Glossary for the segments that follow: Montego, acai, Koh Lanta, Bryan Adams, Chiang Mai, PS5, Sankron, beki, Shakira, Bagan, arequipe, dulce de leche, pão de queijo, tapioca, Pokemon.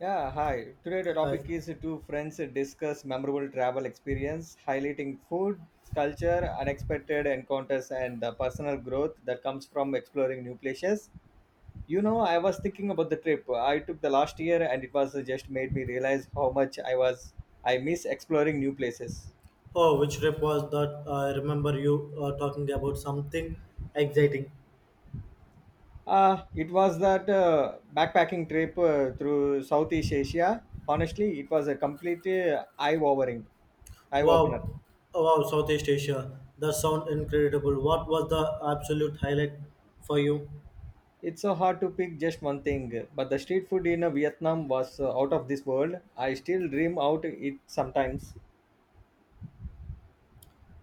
Yeah, hi. Today the topic Hi. is two friends discuss memorable travel experience, highlighting food, culture, unexpected encounters, and the personal growth that comes from exploring new places. You know, I was thinking about the trip I took the last year, and it was just made me realize how much I miss exploring new places. Oh, which trip was that? I remember you talking about something exciting. It was that backpacking trip through Southeast Asia. Honestly, it was a complete eye-opener. Wow, Oh, wow, Southeast Asia. That sounds incredible. What was the absolute highlight for you? It's so hard to pick just one thing, but the street food in Vietnam was out of this world. I still dream out it sometimes.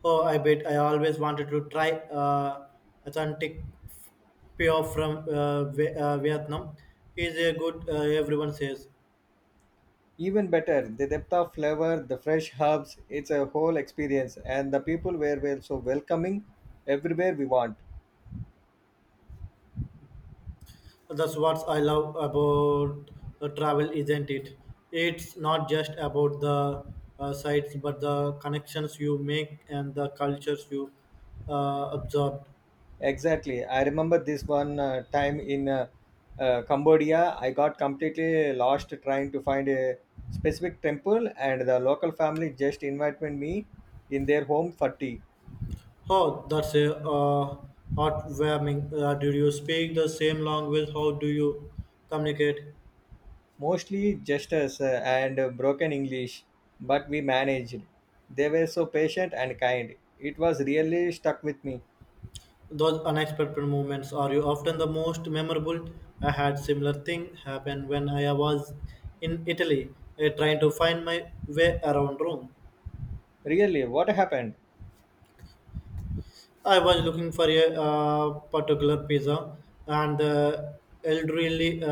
Oh, I bet I always wanted to try authentic pure from Vietnam. Is a good everyone says. Even better, the depth of flavor, the fresh herbs, it's a whole experience, and the people were well so welcoming everywhere we want. That's what I love about travel, isn't it? It's not just about the sites, but the connections you make and the cultures you absorb. Exactly. I remember this one time in Cambodia, I got completely lost trying to find a specific temple, and the local family just invited me in their home for tea. Oh, that's a heartwarming. Do you speak the same language? How do you communicate? Mostly gestures and broken English, but we managed. They were so patient and kind. It was really stuck with me. Those unexpected moments are you often the most memorable. I had similar thing happen when I was in Italy, trying to find my way around Rome. Really, what happened? I was looking for a particular pizza, and the elderly uh,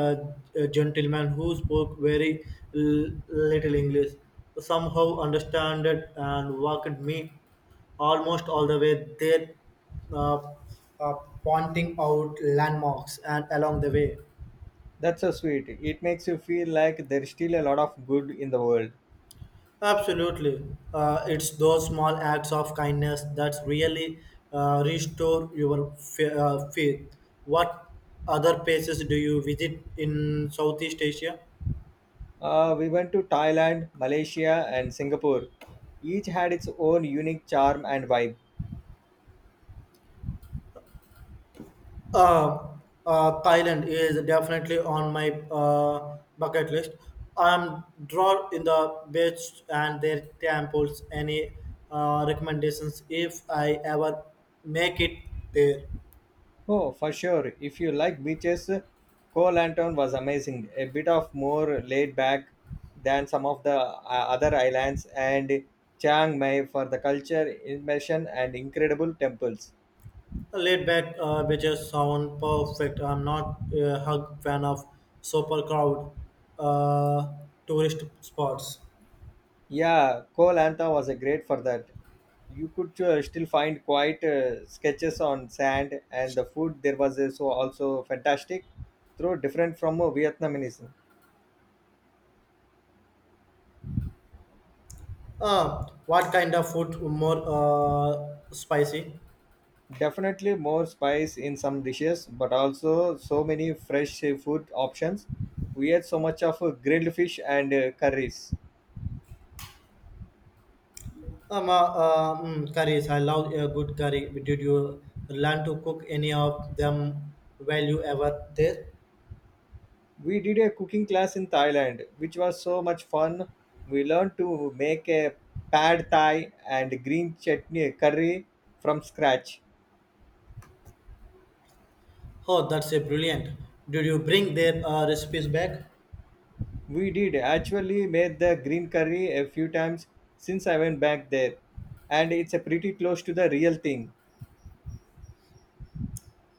uh, gentleman who spoke very little English somehow understood it and walked me almost all the way there, uh, uh, pointing out landmarks and along the way. That's so sweet. It makes you feel like there's still a lot of good in the world. Absolutely. It's those small acts of kindness that really restore your faith. What other places do you visit in Southeast Asia? We went to Thailand, Malaysia, and Singapore. Each had its own unique charm and vibe. Uh, Thailand is definitely on my bucket list. I'm drawn in the beach and their temples. Any recommendations if I ever make it there? Oh, for sure. If you like beaches, Koh Lantern was amazing. A bit of more laid back than some of the other islands, and Chiang Mai for the culture, immersion, and incredible temples. Laid back beaches sound perfect. I'm not a hug fan of super crowd uh, tourist spots. Yeah, Koh Lanta was a great for that. You could still find quite sketches on sand, and the food there was also fantastic, though different from Vietnamese. What kind of food more spicy? Definitely more spice in some dishes, but also so many fresh food options. We had so much of grilled fish and curries. Curries. I love a good curry. Did you learn to cook any of them while you ever there? We did a cooking class in Thailand, which was so much fun. We learned to make a pad thai and green chutney curry from scratch. Oh, that's a brilliant. Did you bring their recipes back? We did actually made the green curry a few times since I went back there, and it's a pretty close to the real thing.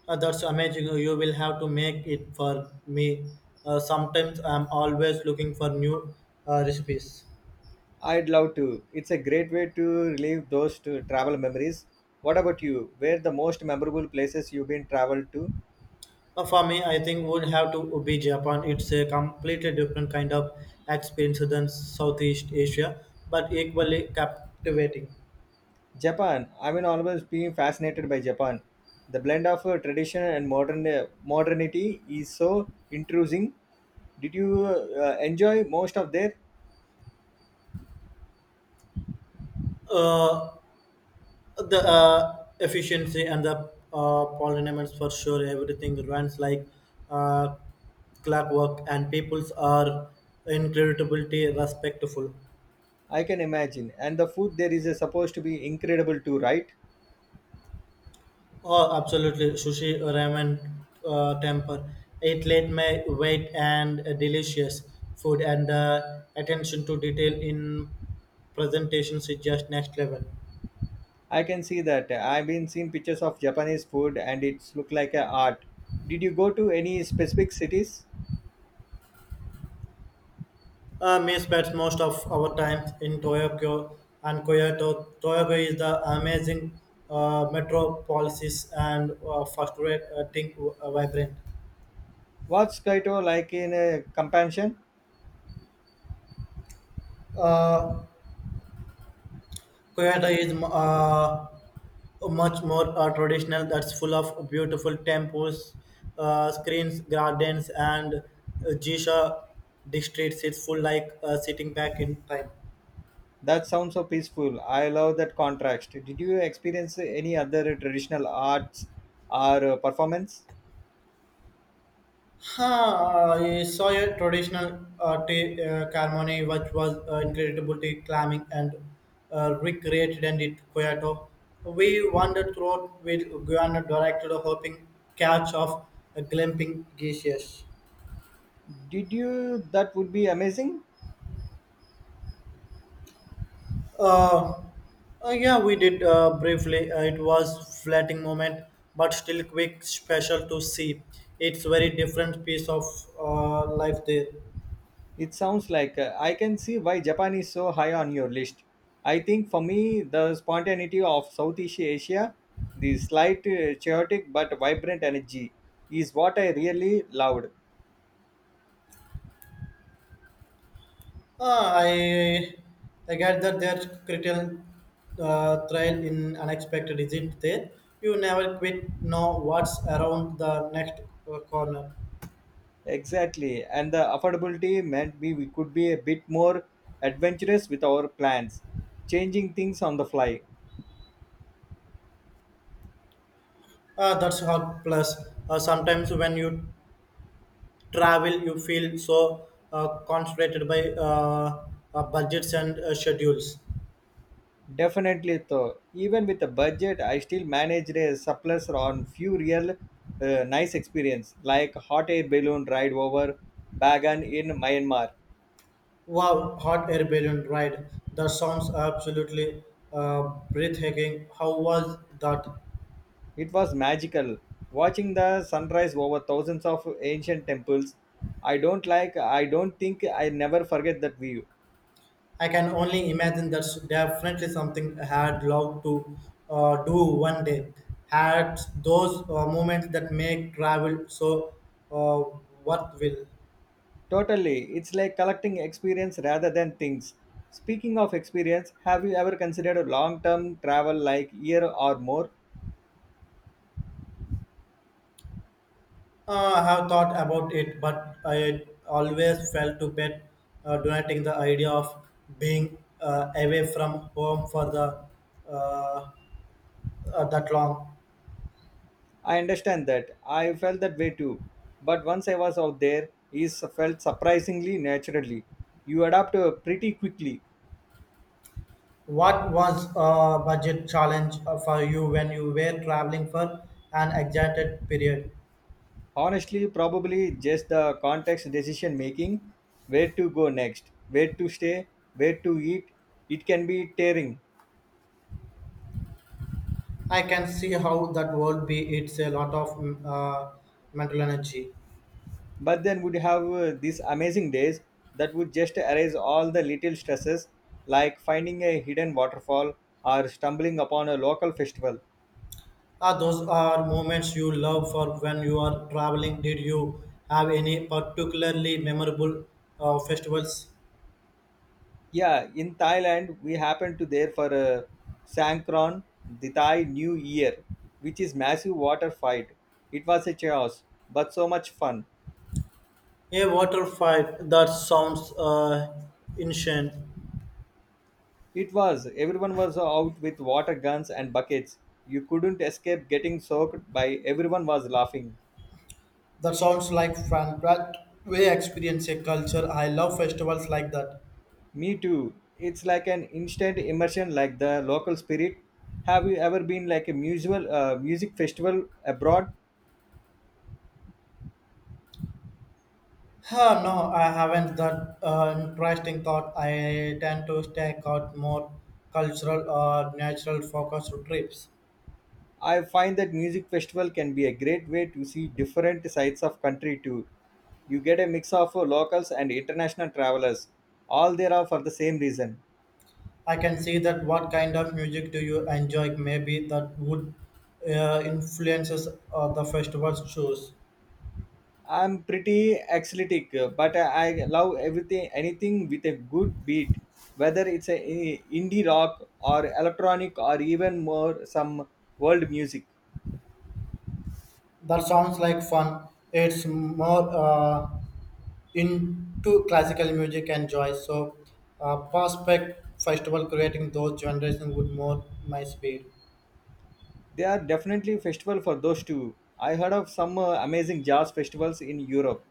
That's amazing. You will have to make it for me. Sometimes I'm always looking for new recipes. I'd love to. It's a great way to relive those to travel memories. What about you? Where the most memorable places you've been traveled to? For me, I think would have to be Japan. It's a completely different kind of experience than Southeast Asia, but equally captivating. Japan. I've been always being fascinated by Japan. The blend of tradition and modernity is so intriguing. Did you enjoy most of there? Uh, the efficiency and the pollinators for sure. Everything runs like uh, clockwork, and peoples are incredibly respectful. I can imagine. And the food there is supposed to be incredible too, right? Oh, absolutely. Sushi, ramen, temper. It laid my weight and delicious food and attention to detail in presentations is just next level. I can see that. I've been seeing pictures of Japanese food and it's look like a art. Did you go to any specific cities? Me spends most of our time in Tokyo and Kyoto. Tokyo is the amazing metropolis and fast-rating vibrant. What's Kaito like in a companion? Uh, Kyoto is much more traditional, that's full of beautiful temples, screens gardens, and jisha districts. It's full like sitting back in time. That sounds so peaceful. I love that contrast. Did you experience any other traditional arts or performance? Huh, I saw a traditional tea ceremony which was incredibly climbing and recreated and it Kyoto. We wandered throughout with Guyana directed hoping catch of a glimpsing geishas. Did you? That would be amazing. Uh, yeah, we did briefly. It was flattening moment, but still quick, special to see. It's very different piece of life there. It sounds like I can see why Japan is so high on your list. I think for me, the spontaneity of Southeast Asia, the slight chaotic but vibrant energy, is what I really loved. Ah, I get that there's critical trial in unexpected. Is there? You never quit. Know what's around the next corner. Exactly, and the affordability meant we could be a bit more adventurous with our plans, changing things on the fly. Ah, that's hard. Plus, sometimes when you travel you feel so constrained by budgets and schedules. Definitely, though, even with a budget, I still managed a surplus on few real nice experience, like hot air balloon ride over Bagan in Myanmar. Wow, hot air balloon ride, that sounds absolutely uh, breathtaking. How was that? It was magical, watching the sunrise over thousands of ancient temples. I don't like. I don't think I never forget that view. I can only imagine. That's definitely something I had loved to do one day. Had those moments that make travel so uh, worthwhile. Totally, it's like collecting experience rather than things. Speaking of experience, have you ever considered long term travel like year or more? I have thought about it, but I always felt to bet donating the idea of being away from home for the uh, that long. I understand that. I felt that way too. But once I was out there, it felt surprisingly naturally. You adapt pretty quickly. What was a budget challenge for you when you were traveling for an extended period? Honestly, probably just the context decision making, where to go next, where to stay, where to eat. It can be tearing. I can see how that would be. It's a lot of mental energy. But then we would have these amazing days that would just erase all the little stresses, like finding a hidden waterfall or stumbling upon a local festival. Ah, those are moments you love for when you are traveling. Did you have any particularly memorable festivals? Yeah, in Thailand we happened to there for a sankron, the Thai new year, which is massive water fight. It was a chaos, but so much fun. A water fight. That sounds ancient. It was everyone was out with water guns and buckets. You couldn't escape getting soaked by everyone was laughing. That sounds like fun. That way, experience a culture. I love festivals like that. Me too. It's like an instant immersion, like the local spirit. Have you ever been like a music festival abroad? Huh, no, I haven't. That interesting thought. I tend to take out more cultural or natural focused trips. I find that music festival can be a great way to see different sides of country too. You get a mix of locals and international travelers, all there are for the same reason. I can see that. What kind of music do you enjoy? Maybe that would influences the festival's choose. I'm pretty athletic, but I love everything, anything with a good beat, whether it's a indie rock or electronic or even more some world music. That sounds like fun. It's more into classical music and joy. So, prospect festival creating those generations would more my speed. They are definitely festival for those two. I heard of some amazing jazz festivals in Europe.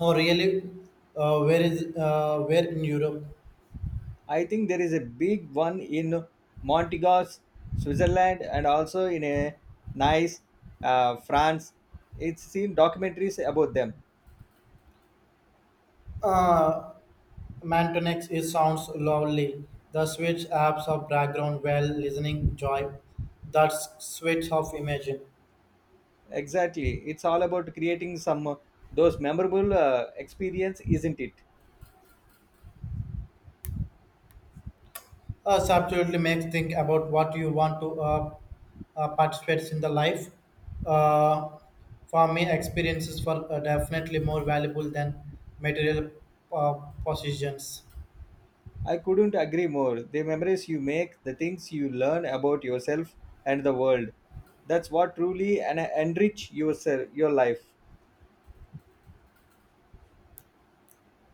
Oh, really? Where in Europe? I think there is a big one in Montego, Switzerland, and also in a nice France. It's seen documentaries about them. Uh, Mantonix is sounds lovely. The switch apps of background while listening joy. That switch of imagine. Exactly, it's all about creating some those memorable experience, isn't it? Us absolutely makes think about what you want to participate in the life. Uh, for me, experiences were definitely more valuable than material uh, possessions. I couldn't agree more. The memories you make, the things you learn about yourself and the world. That's what truly and enrich yourself, your life.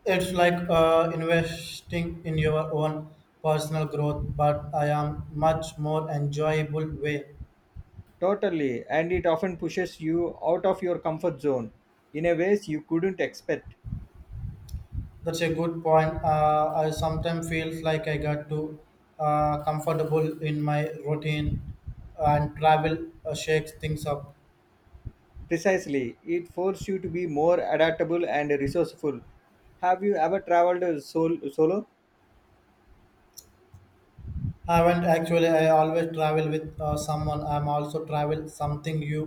It's like investing in your own personal growth, but I am much more enjoyable way. Totally, and it often pushes you out of your comfort zone in a ways you couldn't expect. That's a good point. I sometimes feels like I got too comfortable in my routine, and travel shakes things up. Precisely, it forces you to be more adaptable and resourceful. Have you ever traveled solo? I haven't actually. I always travel with someone. I'm also travel something you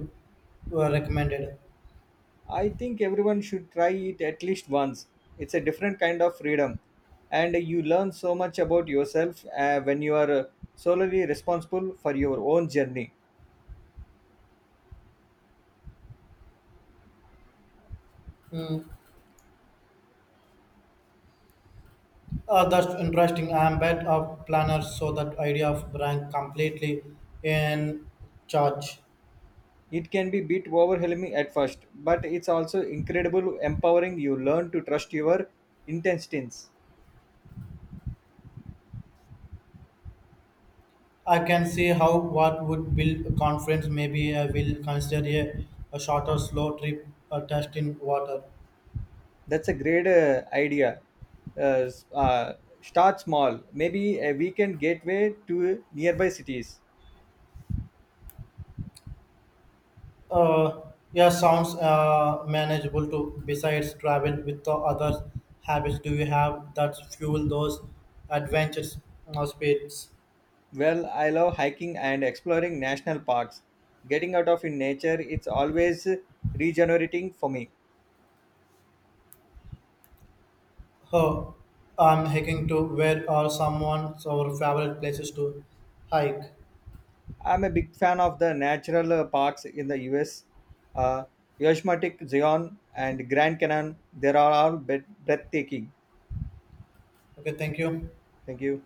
recommended. I think everyone should try it at least once. It's a different kind of freedom, and you learn so much about yourself when you are solely responsible for your own journey. Hmm. That's interesting. I'm bad of planner, so that idea of rank completely in charge. It can be bit overwhelming at first, but it's also incredible empowering. You learn to trust your intestines. I can see how what would build conference. Maybe I will consider a shorter, slow trip, a test in water. That's a great idea. Uh, s- uh, Start small, maybe a weekend gateway to nearby cities. Uh, yeah, sounds manageable too. Besides travel with the other habits, do you have that fuel those adventures or speeds? Well, I love hiking and exploring national parks. Getting out of in nature, it's always regenerating for me. Oh, I'm hiking to where are someone's our favorite places to hike. I'm a big fan of the natural parks in the US. Uh, Yosemite, Zion, and Grand Canyon, they are all breathtaking. Okay, thank you. Thank you.